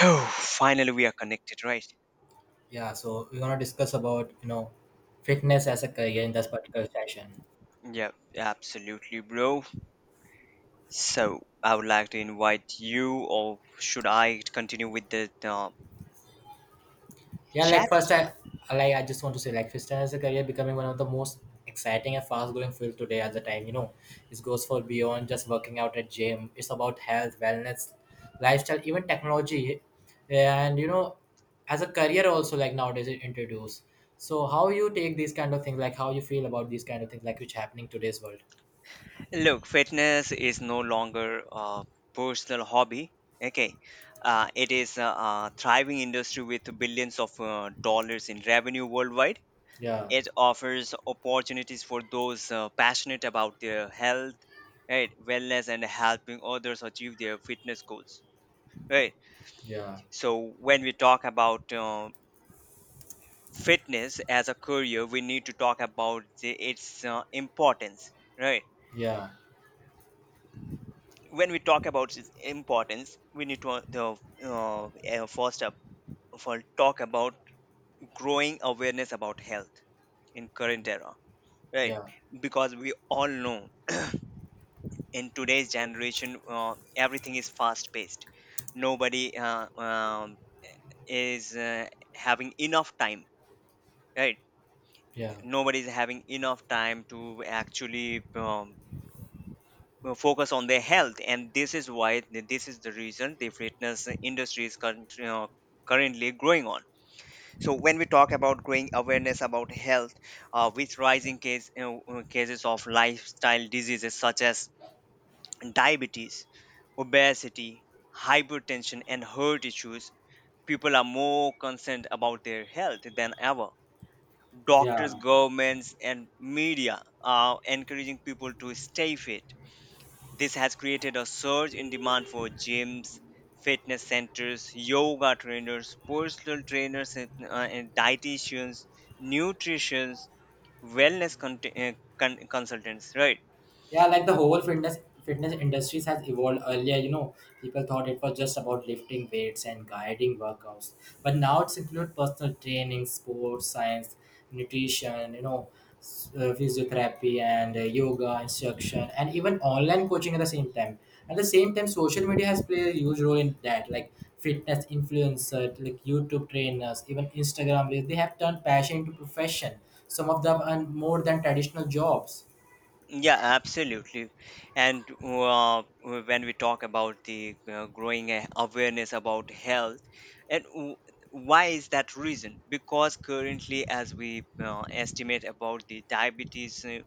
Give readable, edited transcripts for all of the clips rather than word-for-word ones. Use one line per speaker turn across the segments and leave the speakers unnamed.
Oh, finally we are connected, right?
Yeah, so we're gonna discuss about you know fitness as a career in this particular session.
Yeah, absolutely, bro. So I would like to invite you, or should I continue with the
Yeah, like
chat?
first I like I just want to say like fitness as a career becoming one of the most exciting and fast growing field today at the time. You know, it goes for beyond just working out at gym. It's about health, wellness, lifestyle, even technology, and you know, as a career also like nowadays it introduced. So how you take these kind of things, like how you feel about these kind of things, like which happening today's world.
Look, fitness is no longer a personal hobby. Okay, it is a thriving industry with billions of dollars in revenue worldwide.
Yeah,
It offers opportunities for those passionate about their health, right, wellness, and helping others achieve their fitness goals. Right.
yeah,
So when we talk about fitness as a career, we need to talk about its importance, right?
yeah,
When we talk about its importance, we need to first up of all talk about growing awareness about health in current era, right?
yeah,
Because we all know in today's generation, everything is fast paced. Nobody is having enough time, right?
yeah.
Nobody's having enough time to actually focus on their health, and this is why this is the reason the fitness industry is currently growing on. So when we talk about growing awareness about health, with rising cases of lifestyle diseases such as diabetes, obesity, hypertension, and heart issues, people are more concerned about their health than ever. Doctors,
Yeah,
governments, and media are encouraging people to stay fit. This has created a surge in demand for gyms, fitness centers, yoga trainers, personal trainers, and dietitians, nutritionists, wellness con- uh, consultants, right?
yeah, like the whole fitness industries has evolved earlier. You know, people thought it was just about lifting weights and guiding workouts, but now it's include personal training, sports science, nutrition. You know, physiotherapy and yoga instruction, and even online coaching at the same time. At the same time, social media has played a huge role in that. Like fitness influencers, like YouTube trainers, even Instagram reels, they have turned passion into profession. Some of them earn more than traditional jobs.
Yeah, absolutely. And when we talk about the growing awareness about health, and w- why is that reason? Because currently, as we estimate about the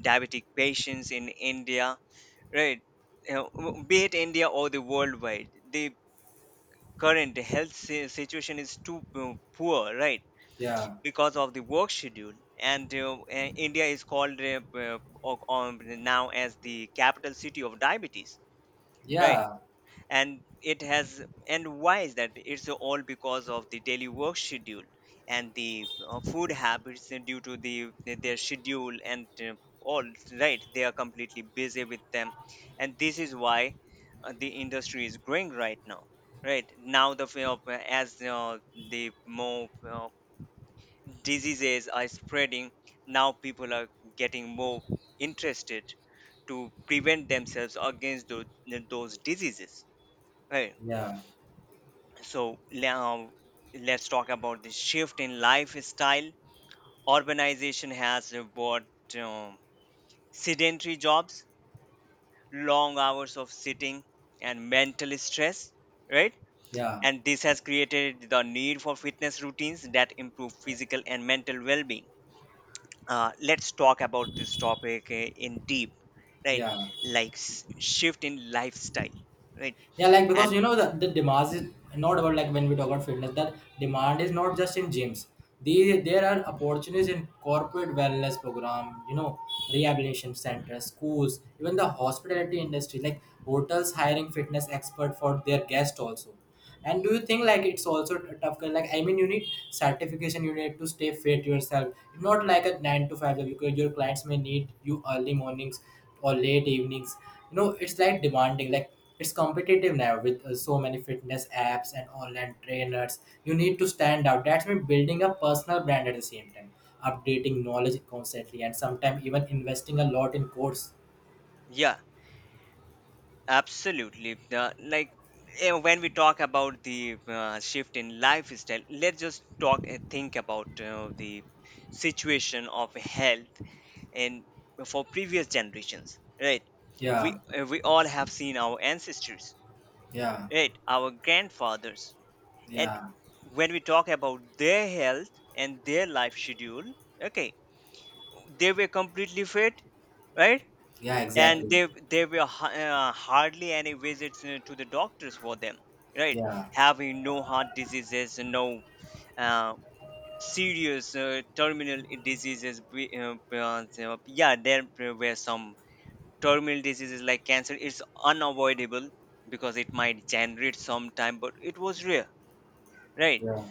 diabetic patients in India, right? Be it India or the worldwide, the current health situation is too poor, right?
Yeah.
Because of the work schedule, and india is called uh, now as the capital city of diabetes, right.
Yeah,
And it has, and why is that? It's all because of the daily work schedule and the food habits due to the their schedule, and all right, they are completely busy with them, and this is why the industry is growing right now, right. Now the f- as the more diseases are spreading, now people are getting more interested to prevent themselves against those diseases, right.
yeah,
So now let's talk about the shift in lifestyle. Urbanization has brought um, sedentary jobs, long hours of sitting, and mental stress, right.
yeah,
And this has created the need for fitness routines that improve physical and mental well-being. Let's talk about this topic in deep, right.
yeah,
Like shift in lifestyle, right.
yeah. Like because
And
you know the demand is not about like when we talk about fitness. That demand is not just in gyms. These there are opportunities in corporate wellness program. You know, rehabilitation centers, schools, even the hospitality industry. Like hotels hiring fitness expert for their guest also. And do you think like it's also a tough? Like I mean, you need certification. You need to stay fit yourself. It's not like a nine to five job because your clients may need you early mornings or late evenings. You know, it's like demanding. Like it's competitive now with so many fitness apps and online trainers. You need to stand out. That's me building a personal brand at the same time, updating knowledge constantly, and sometimes even investing a lot in course.
yeah, absolutely. Like when we talk about the shift in lifestyle, let's just talk think about the situation of health and for previous generations, right.
Yeah,
We all have seen our ancestors,
yeah,
right, our grandfathers. And
yeah,
when we talk about their health and their life schedule, okay, they were completely fit, right.
yeah.
And
Exactly.
they there were hardly any visits to the doctors for them, right.
Yeah,
Having no heart diseases, no uh, serious terminal diseases, so, yeah, there were some terminal diseases like cancer, it's unavoidable because it might generate some time, but it was rare, right.
yeah,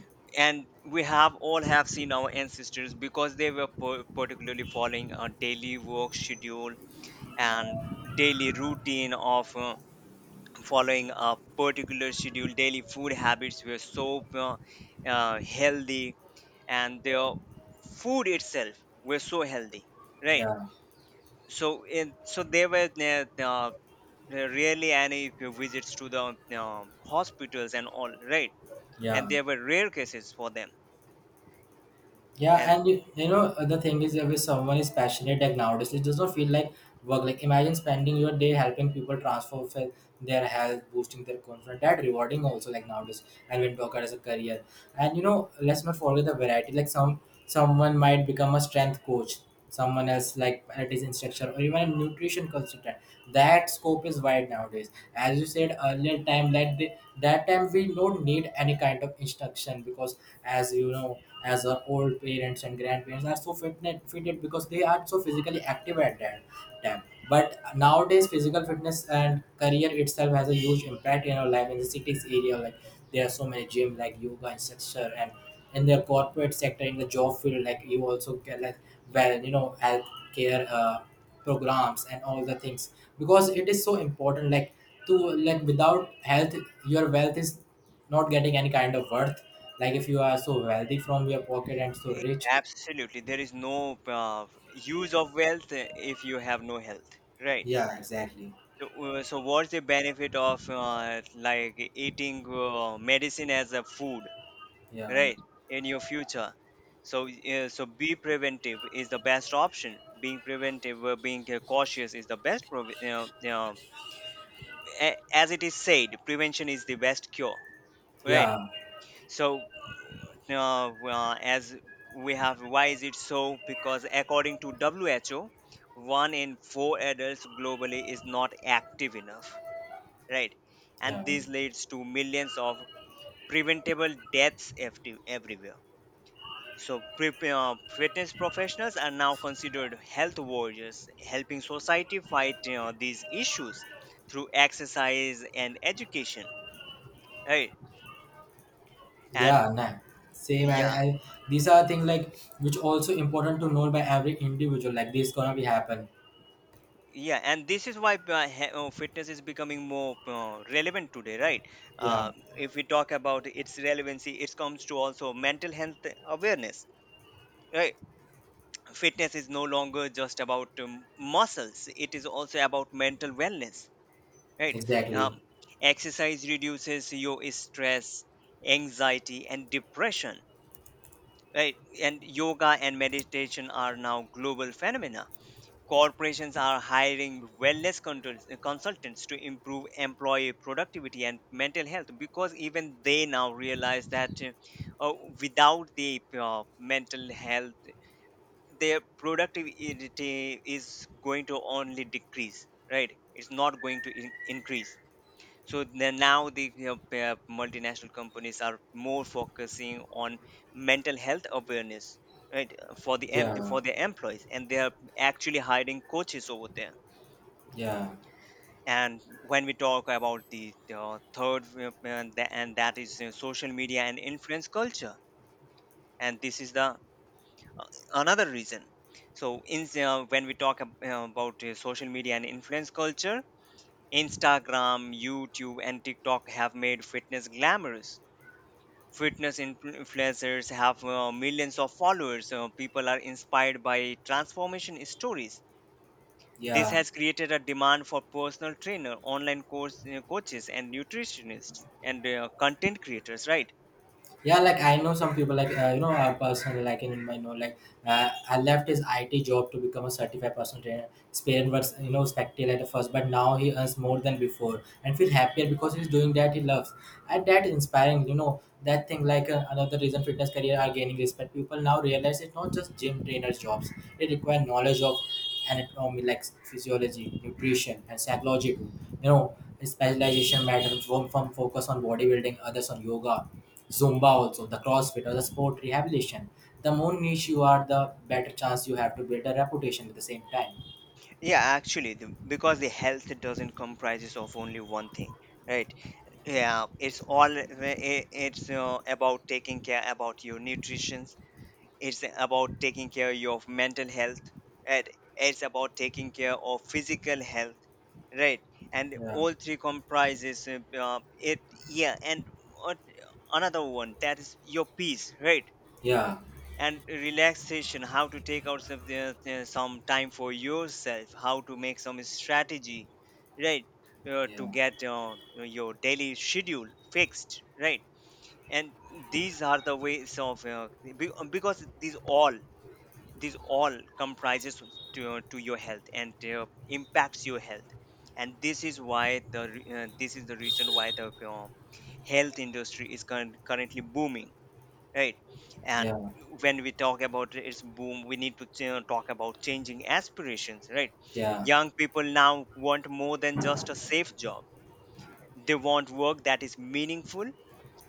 And we have all have seen our ancestors because they were particularly following a daily work schedule, and daily routine of following a particular schedule, daily food habits were so healthy, and their food itself were so healthy, right.
yeah,
So there were rarely any visits to the hospitals and all, right. And
yeah.
there were rare cases for them
Yeah,
and.
and you know the thing is if someone is passionate like nowadays, it doesn't feel like work. Like imagine spending your day helping people transform their health, boosting their confidence. That rewarding also like nowadays. And when talk about as a career, and you know let's not forget the variety. Like some someone might become a strength coach, someone else like a instructor or even a nutrition consultant, that scope is wide nowadays as you said earlier time like the, that time we don't need any kind of instruction because as you know as our old parents and grandparents are so fitness fitted because they are so physically active at that time, but nowadays physical fitness and career itself has a huge impact in our life in the cities area. Like there are so many gym like yoga instructor, and in the corporate sector in the job field like you also get like well you know health care programs and all the things, because it is so important like to like without health your wealth is not getting any kind of worth, like if you are so wealthy from your pocket and so
Eh,
rich.
Absolutely. There is no use of wealth, if you have no health, right?
Yeah, exactly.
So, so what's the benefit of like eating medicine as a food,
Yeah,
right, in your future? So, so be preventive is the best option. Being preventive, being cautious is the best. As it is said, prevention is the best cure, right?
yeah,
So, as we have, why is it so? Because according to WHO, one in four adults globally is not active enough, right.
yeah,
And this leads to millions of preventable everywhere. So fitness professionals are now considered health warriors, helping society fight you these issues through exercise and education, right. And
yeah, nah. Same I,
yeah,
I these are things like which also important to know by every individual, like this gonna be happen.
yeah. And this is why fitness is becoming more relevant today, right.
Yeah,
uh, if we talk about its relevancy, it comes to also mental health awareness, right. Fitness is no longer just about muscles, it is also about mental wellness, right. um,
exactly.
Exercise reduces your stress, anxiety, and depression, right. And yoga and meditation are now global phenomena. Corporations are hiring wellness consultants to improve employee productivity and mental health, because even they now realize that uh, without the mental health, their productivity is going to only decrease, right. It's not going to increase. So then now, multinational companies are more focusing on mental health awareness, right,
Yeah.
for their employees, and they are actually hiring coaches over there.
Yeah,
And when we talk about the third, and that is social media and influence culture, and this is the another reason. So in when we about social media and influence culture, Instagram, YouTube, and TikTok have made fitness glamorous. Fitness influencers have millions of followers. People are inspired by transformation stories. This
yeah,
has created a demand for personal trainer, online course coaches, and nutritionists, and content creators, right?
yeah. Like I know some people, like you know, a person like in my know, like I left his IT job to become a certified personal trainer. Spain was you know spectacle at first, but now he earns more than before and feel happier because he's doing that he loves. And that inspiring, you know, that thing like another reason fitness career are gaining respect. People now realize it's not just gym trainers jobs. It requires knowledge of anatomy, like physiology, nutrition, and psychology too. You know, specialization matters. One from focus on bodybuilding, others on yoga, Zumba also, the CrossFit or the sport rehabilitation, the more niche you are, the better chance you have to build a reputation at the same time.
Yeah, actually, because the health doesn't comprises of only one thing, right? Yeah, it's all it's about taking care about your nutrition, it's about taking care of your mental health, and it's about taking care of physical health, right. And
Yeah,
all three comprises it. Yeah. And what, another one, that is your peace, right,
yeah,
and relaxation, how to take out some time for yourself, how to make some strategy, right, to
yeah,
get your daily schedule fixed, right. And these are the ways of because these all, these all comprises to your health, and impacts your health. And this is why this is the reason why the health industry is currently booming, right. And
yeah,
when we talk about its boom, we need to talk about changing aspirations, right.
yeah,
Young people now want more than just a safe job. They want work that is meaningful,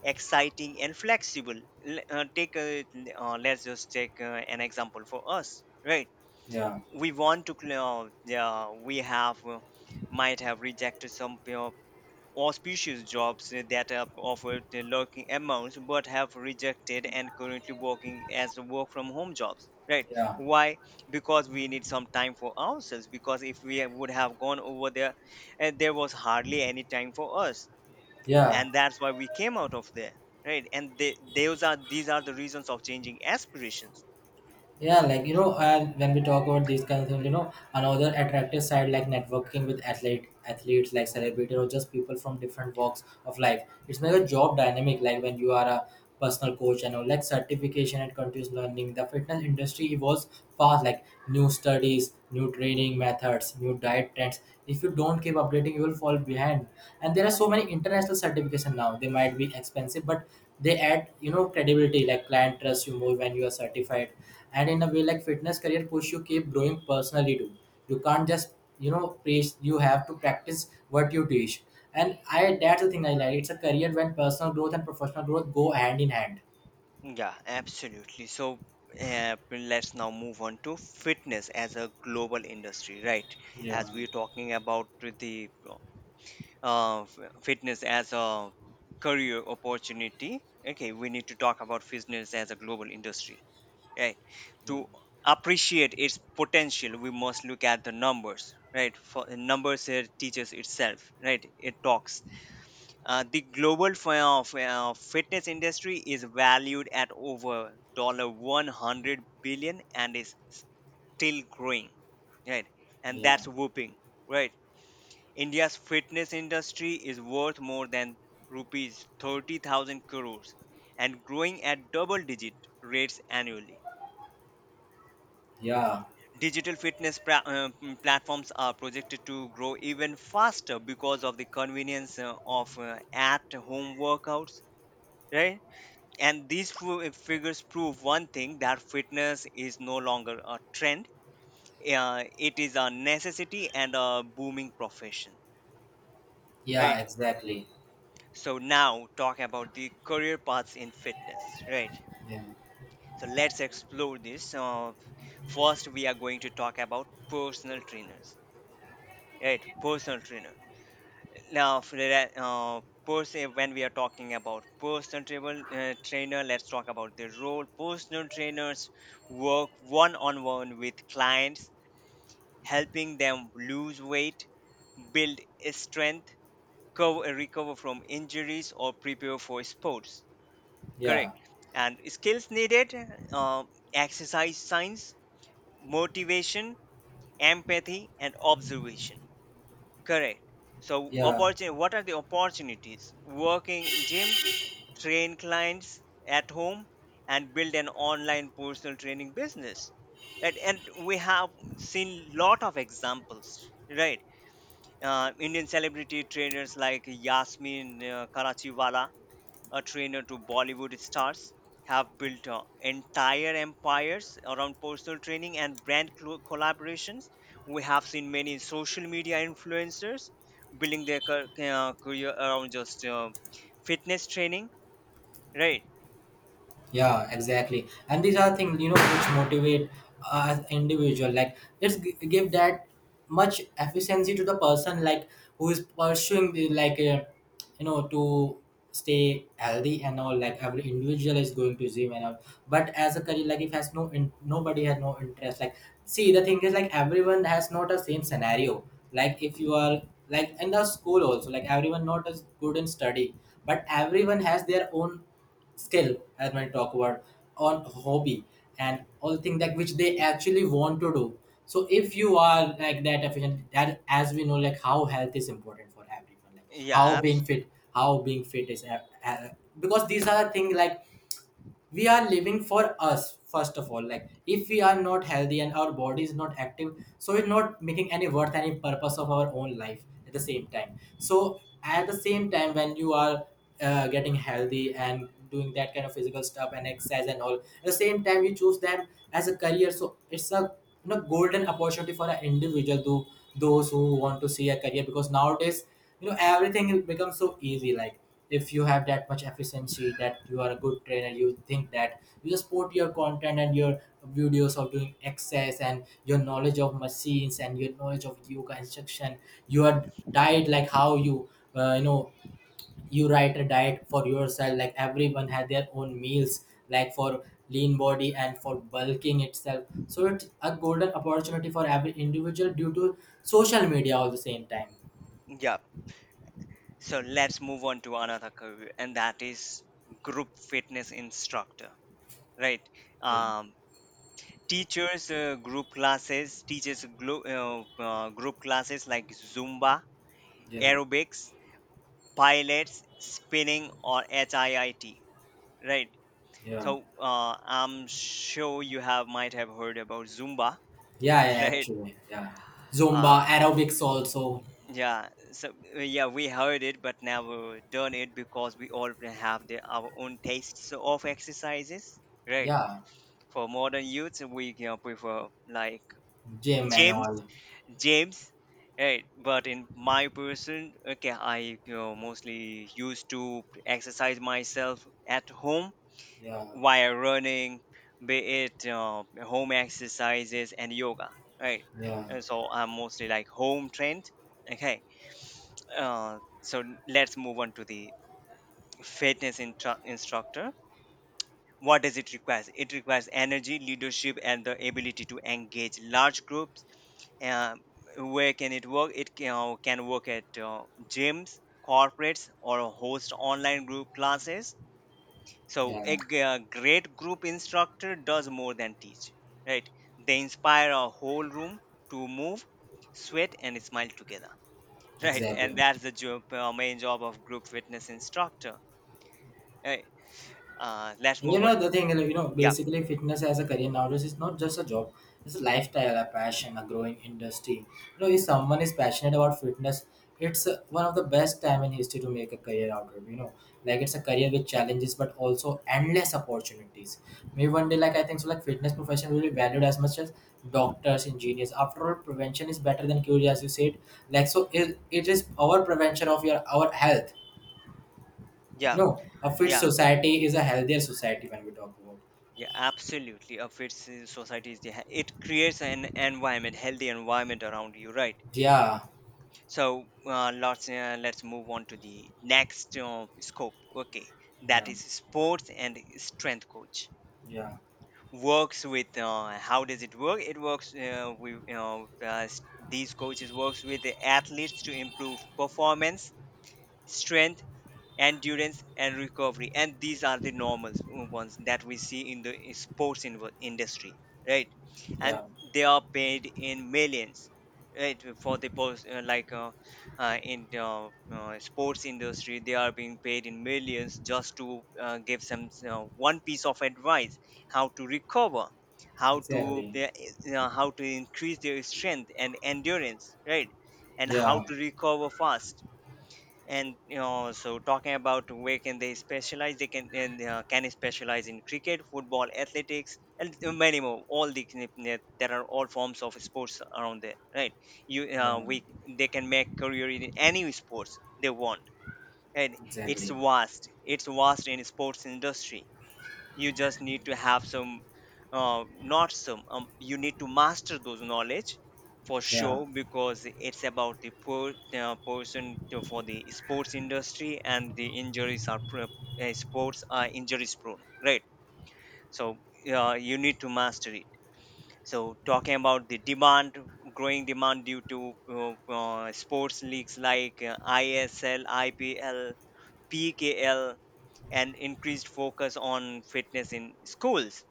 exciting, and flexible. Let's just take an example for us, right.
yeah,
we want to cl- Yeah, we have might have rejected some, you auspicious jobs that have offered the lurking amounts, but have rejected, and currently working as work from home jobs, right.
yeah,
Why? Because we need some time for ourselves, because if we would have gone over there, and there was hardly any time for us,
yeah.
and that's why we came out of there, right. And those are, these are the reasons of changing aspirations.
Yeah, like you know, and when we talk about these kinds of things, you know, another attractive side like networking with athletes like celebrities or just people from different walks of life. It's like a job dynamic, like when you are a personal coach and all like certification and continuous learning. The fitness industry evolves fast, like new studies, new training methods, new diet trends. If you don't keep updating, you will fall behind. And there are so many international certification now. They might be expensive, but they add, you know, credibility, like client trusts you more when you are certified, and in a way like fitness career push you keep growing personally too. You can't just you know preach, you have to practice what you teach. And I that's the thing I like, it's a career when personal growth and professional growth go hand in hand.
Yeah, absolutely. So let's now move on to fitness as a global industry, right?
Yeah,
As we're talking about the uh, f- fitness as a career opportunity, okay, we need to talk about fitness as a global industry, right? To
yeah,
appreciate its potential, we must look at the numbers, right? For numbers here teaches itself, right? It talks the global fitness industry is valued at over $100 billion and is still growing, right? And
yeah,
that's whooping, right? India's fitness industry is worth more than rupees 30,000 crores and growing at double digit rates annually.
yeah,
Digital fitness platforms are projected to grow even faster because of the convenience of at home workouts, right? And these figures prove one thing, that fitness is no longer a trend. It is a necessity and a booming profession,
yeah,
right.
exactly.
So now talk about the career paths in fitness, right.
Yeah,
So let's explore this. First, we are going to talk about personal trainers, right. Personal trainer. Now, for that, person, when we are talking about personal trainer, let's talk about the role. Personal trainers work one on one with clients, helping them lose weight, build strength, recover from injuries, or prepare for sports.
yeah,
Correct. And skills needed, uh, exercise science, motivation, empathy, and observation. Correct. So,
yeah,
opportunity. What are the opportunities? Working in gyms, train clients at home, and build an online personal training business. Right, and we have seen lot of examples. Right, Indian celebrity trainers like Yasmin Karachiwala, a trainer to Bollywood stars, have built entire empires around personal training and brand collaborations. We have seen many social media influencers building their career around just fitness training, right?
yeah, exactly. And these are things you know which motivate us individual, like let's give that much efficiency to the person like who is pursuing the like you know to stay healthy and all, like every individual is going to gym and all, but as a career like if has no in, nobody has no interest like see the thing is like everyone has not a same scenario, like if you are like in the school also like everyone not as good in study, but everyone has their own skill as when I talk about on hobby and all thing that which they actually want to do. So if you are like that efficient, that as we know, like how health is important for everyone, like
Yeah, apps.
how being fit is because these are the things like we are living for us first of all, like if we are not healthy and our body is not active so we're not making any worth any purpose of our own life at the same time. So at the same time when you are getting healthy and doing that kind of physical stuff and exercise and all at the same time you choose that as a career, so it's a you know golden opportunity for an individual, to those who want to see a career because nowadays you know everything will become so easy. Like if you have that much efficiency that you are a good trainer, you think that you just put your content and your videos of doing exercise and your knowledge of machines and your knowledge of yoga instruction, your diet, like how you you know you write a diet for yourself, like everyone had their own meals, like for lean body and for bulking itself. So it's a golden opportunity for every individual due to social media all the same time.
Yeah. So let's move on to another career, and that is group fitness instructor, right?
Yeah,
Um, Teachers group classes, teaches group classes like zumba,
yeah.
aerobics, pilots, spinning, or HIIT, right?
Yeah.
So I'm sure you have might have heard about Zumba,
Yeah, yeah,
right?
actually. Yeah.
Uh,
Zumba, aerobics also.
yeah. So yeah, we heard it, but never done it because we all have our own tastes of exercises, right?
Yeah.
For modern youths, we, you know, prefer like
Gym and
gyms,
all.
gyms, right? But in my person, okay, I, you know, mostly used to exercise myself at home
Yeah.
via running, be it home exercises and yoga, right?
Yeah.
And so I'm mostly like home trained. Okay, so let's move on to the fitness instructor. What does it require? It requires energy, leadership, and the ability to engage large groups. Uh, where can it work? It can work at gyms, corporates, or host online group classes. So a,
Yeah.
a great group instructor does more than teach, right? They inspire a whole room to move, sweat, and smile together, right?
Exactly.
And that's the job, main job of group fitness instructor. Right? Let's
And you
move
know
on
the
to
thing, like, you know,
yeah,
basically fitness as a career nowadays is not just a job; it's a lifestyle, a passion, a growing industry. You know, if someone is passionate about fitness, it's one of the best time in history to make a career out of. You know, like it's a career with challenges, but also endless opportunities. Maybe one day, like I think so, like fitness profession will be valued as much as doctors, engineers. After all, prevention is better than cure, as you said. Like so, it is our prevention of your our health. You
yeah,
know, a fit
yeah,
society is a healthier society when we talk about.
yeah. Absolutely, a fit s- society is the, ha- it creates an environment, healthy environment around you, right?
Yeah,
So let's move on to the next scope. Okay, that
yeah,
is sports and strength coach.
yeah,
Works with, how does it work? It works, we you know s- these coaches works with the athletes to improve performance, strength, endurance, and recovery. And these are the normal ones that we see in the sports industry, right? And
yeah,
they are paid in millions, right, for the post, like in the sports industry. They are being paid in millions just to give some, one piece of advice: how to recover, how to,
exactly.
how to increase their strength and endurance, right, and how
Yeah,
to recover fast. And you know, so talking about where can they specialize, they can specialize in cricket, football, athletics, and many more. All the, there are all forms of sports around there, right? you
yeah,
we They can make career in any sports they want. And it's
exactly.
vast, it's vast in sports industry. You just need to have some, not some you need to master those knowledge for
Yeah,
sure, because it's about the person to, for the sports industry, and the injuries are sports are injuries prone, right? So you need to master it. So talking about the demand: growing demand due to sports leagues like isl ipl pkl, and increased focus on fitness in schools.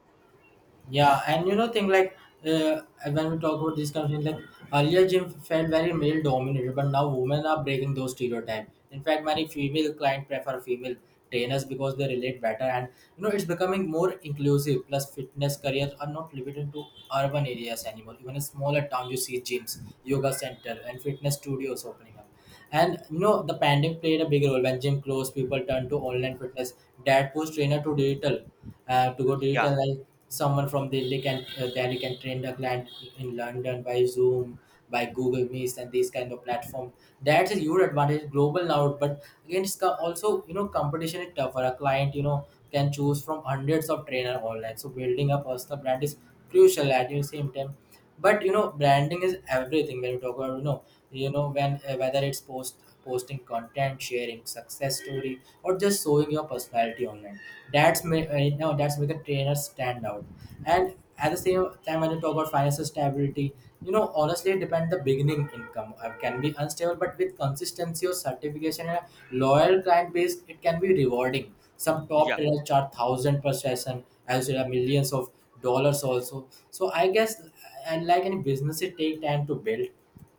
yeah. And you know, thing like uh, when we talk about this kind of thing, like earlier gym felt very male dominated, but now women are breaking those stereotypes. In fact, many female clients prefer female trainers because they relate better, and you know, it's becoming more inclusive. Plus, fitness careers are not limited to urban areas anymore. Even in smaller towns, you see gyms, yoga center, and fitness studios opening up. And you know, the pandemic played a big role when gym closed, people turned to online fitness. That pushed trainer to digital, to go
Yeah,
digital. Like someone from Delhi can train the client in London by Zoom, by Google Meets, and these kind of platform. That's a huge advantage, global now. But again, it's also you know, competition is tougher. A client, you know, can choose from hundreds of trainer online. So building a personal brand is crucial. At the same time, but branding is everything when you talk about, you know when whether it's posting content, sharing success story, or just showing your personality online, that's ma- you know that's make a trainer stand out. And at the same time, when you talk about financial stability, honestly, it depends. The beginning income can be unstable, but with consistency or certification and a loyal client base, it can be rewarding. Some top
yeah,
trainers charge thousand per session, as there are millions of dollars also. So I guess. And like any business, it take time to build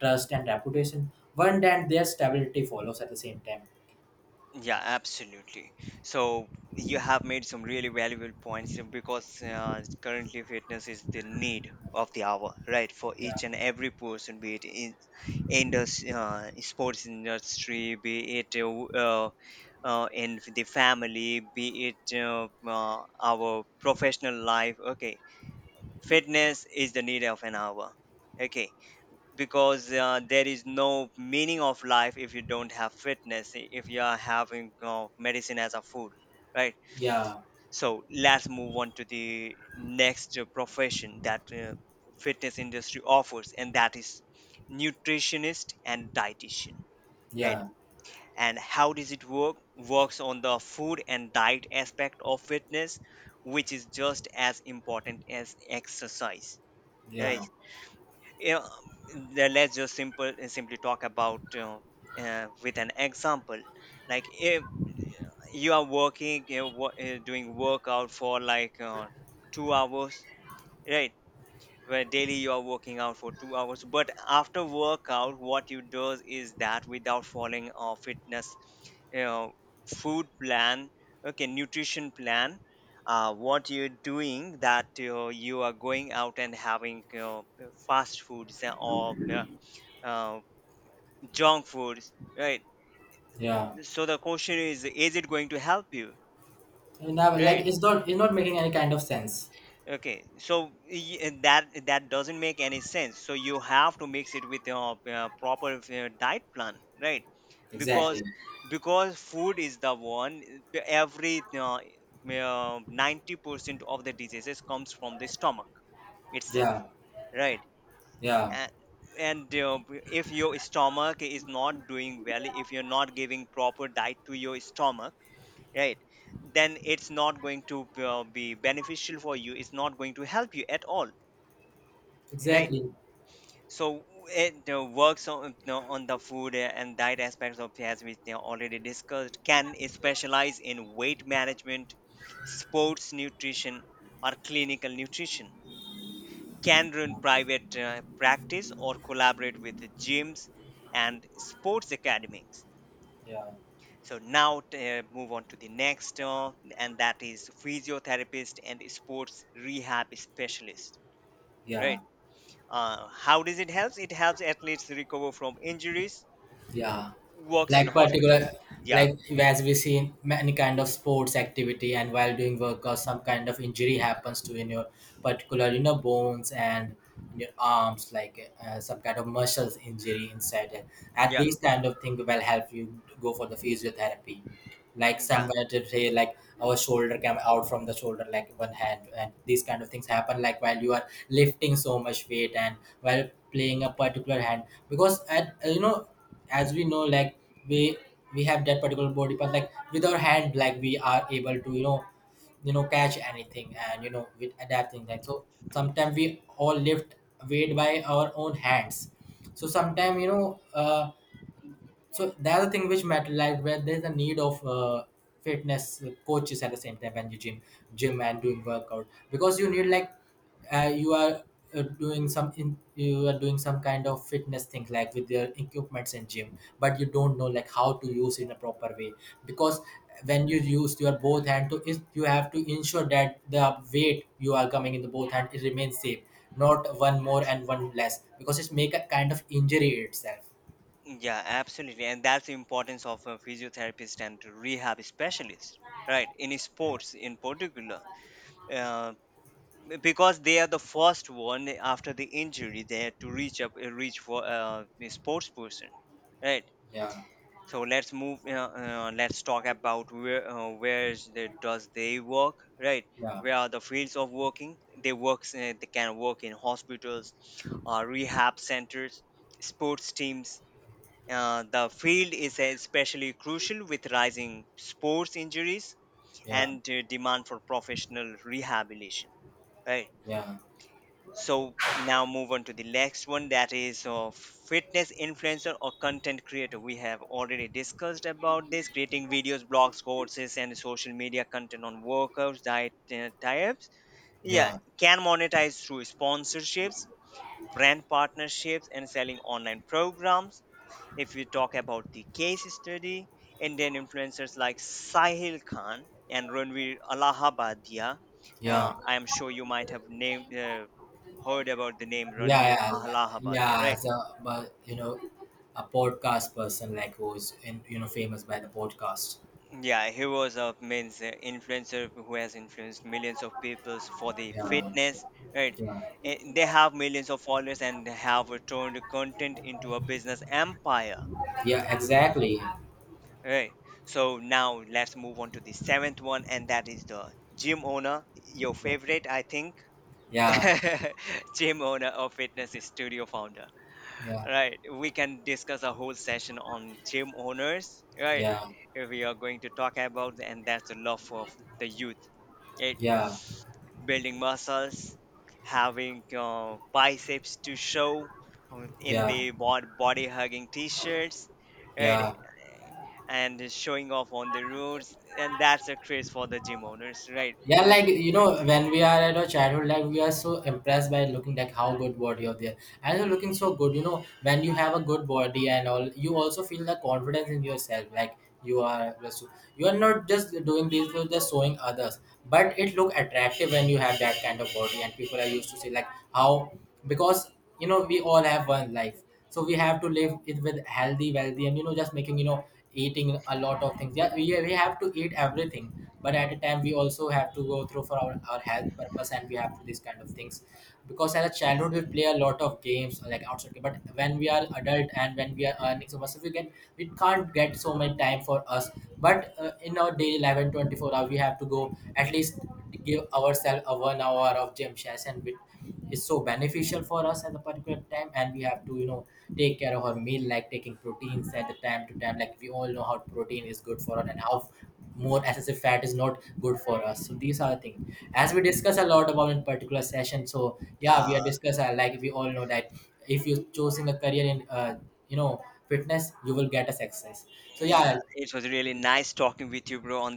trust and reputation, one then their stability follows. At the same time,
yeah, absolutely. So you have made some really valuable points, because currently fitness is the need of the hour, right? For
yeah,
each and every person, be it in the sports industry, be it, in the family, be it, our professional life. Okay, fitness is the need of an hour. Okay, because there is no meaning of life if you don't have fitness, if you are having medicine as a food, right?
yeah,
So let's move on to the next profession that fitness industry offers, and that is nutritionist and dietitian, right.
yeah,
And how does it work? Works on the food and diet aspect of fitness, which is just as important as exercise,
yeah,
right? Yeah, le- let's just simple simply talk about, you know, with an example. Like if you are working, you know, doing workout for like 2 hours, right, where daily you are working out for 2 hours, but after workout what you do is that without following a fitness, you know, food plan, okay, nutrition plan, what you're doing that, you are going out and having, you know, fast foods or, uh, junk foods, right?
yeah.
So the question is it going to help you,
And now, like,
right?
it's not making any kind of sense.
Okay, so and that, that doesn't make any sense. So you have to mix it with your proper diet plan, right?
Exactly.
Because because food is the one, every 90% of the diseases comes from the stomach itself,
Yeah,
right?
yeah.
And, and if your stomach is not doing well, if you're not giving proper diet to your stomach, right, then it's not going to be beneficial for you, it's not going to help you at all, right?
Exactly.
So it works on, you know, on the food and diet aspects of, as we, you know, already discussed. Can specialize in weight management, sports nutrition, or clinical nutrition. Can run private practice or collaborate with gyms and sports academies.
Yeah,
So now move on to the next, and that is physiotherapist and sports rehab specialist,
yeah.
right. How does it help? It helps athletes recover from injuries,
Yeah,
works in
like particular,
hospitals, yeah.
like as we see in many kind of sports activity, and while doing workout, some kind of injury happens to in your particular, you know, bones and in your arms, like some kind of muscles injury inside. It. At
Yeah,
these kind of thing will help you go for the physiotherapy, like
yeah,
somewhere to say like our shoulder came out from the shoulder, like one hand, and these kind of things happen like while you are lifting so much weight and while playing a particular hand. Because at, you know, as we know, like we we have that particular body part, like with our hand, like we are able to catch anything and, with adapting that. So sometimes we all lift weight by our own hands. So sometimes, so the other thing which matter, like where there's a need of fitness coaches at the same time when you gym and doing workout. Because you need like, uh, you are you are doing some kind of fitness thing like with your equipments in gym, but you don't know like how to use in a proper way. Because when you use your both hand to is, you have to ensure that the weight you are coming in the both hand, it remains same, not one more and one less, because it's make a kind of injury itself.
yeah, absolutely. And that's the importance of a physiotherapist and rehab specialist, right, in sports in particular. uh, because they are the first one after the injury, they to reach for the sports person, right.
Yeah.
So let's move. Let's talk about where, where is the, does they work, right?
Yeah,
Where are the fields of working? They works. They can work in hospitals, rehab centers, sports teams. The field is especially crucial with rising sports injuries
yeah,
and demand for professional rehabilitation. Right.
yeah,
So now move on to the next one, that is fitness influencer or content creator. We have already discussed about this: creating videos, blogs, courses, and social media content on workouts, diet, types, yeah.
yeah,
Can monetize through sponsorships, brand partnerships, and selling online programs. If you talk about the case study, Indian influencers like Sahil Khan and Ranveer Allahabadia,
yeah,
I am sure you might have name, heard about the name
yeah,
Ranveer
yeah,
Allahabadia,
yeah.
right?
As a, but you know, a podcast person, like who's in, famous by the podcast.
Yeah, he was a means influencer who has influenced millions of people for the
Yeah,
fitness, right?
yeah,
They have millions of followers and they have turned content into a business empire.
yeah. Exactly.
Right. So now let's move on to the seventh one, and that is the gym owner, your favorite, I think.
Yeah,
Gym owner or fitness studio founder.
yeah, yeah,
Right. We can discuss a whole session on gym owners. Right.
yeah,
We are going to talk about, and that's the love of the youth. It
yeah,
building muscles, having biceps to show, in
yeah.
the body hugging t-shirts.
Yeah.
Right, and is showing off on the roads, and that's a craze for the gym owners, right?
Yeah, like, you know,
It's,
when we are at our childhood, like we are so impressed by looking like how good body of there, and you're looking so good. You know, when you have a good body and all, you also feel the confidence in yourself. Like you are, you are not just doing this, you're just showing others. But it look attractive when you have that kind of body, and people are used to say like how, because you know we all have one life. So we have to live it with healthy, wealthy, and you know just making, eating a lot of things. Yeah, we have to eat everything, but at a time we also have to go through for our health purpose, and we have to these kind of things. Because as a childhood we play a lot of games like outside game, but when we are adult and when we are earning so much, so we can we can't get so much time for us. But in our daily life and 24 hour we have to go at least give ourselves a 1 hour of gym session, which is so beneficial for us at a particular time. And we have to, you know, take care of our meal, like taking proteins at the time to time, like we all know how protein is good for us and how more excessive fat is not good for us. So these are the things as we discuss a lot about in particular session. So yeah, we are
uh,
discuss like we all know that if you're choosing a career in, you know fitness, you will get a success. So
yeah,
yeah.
it was really nice talking with you, bro, on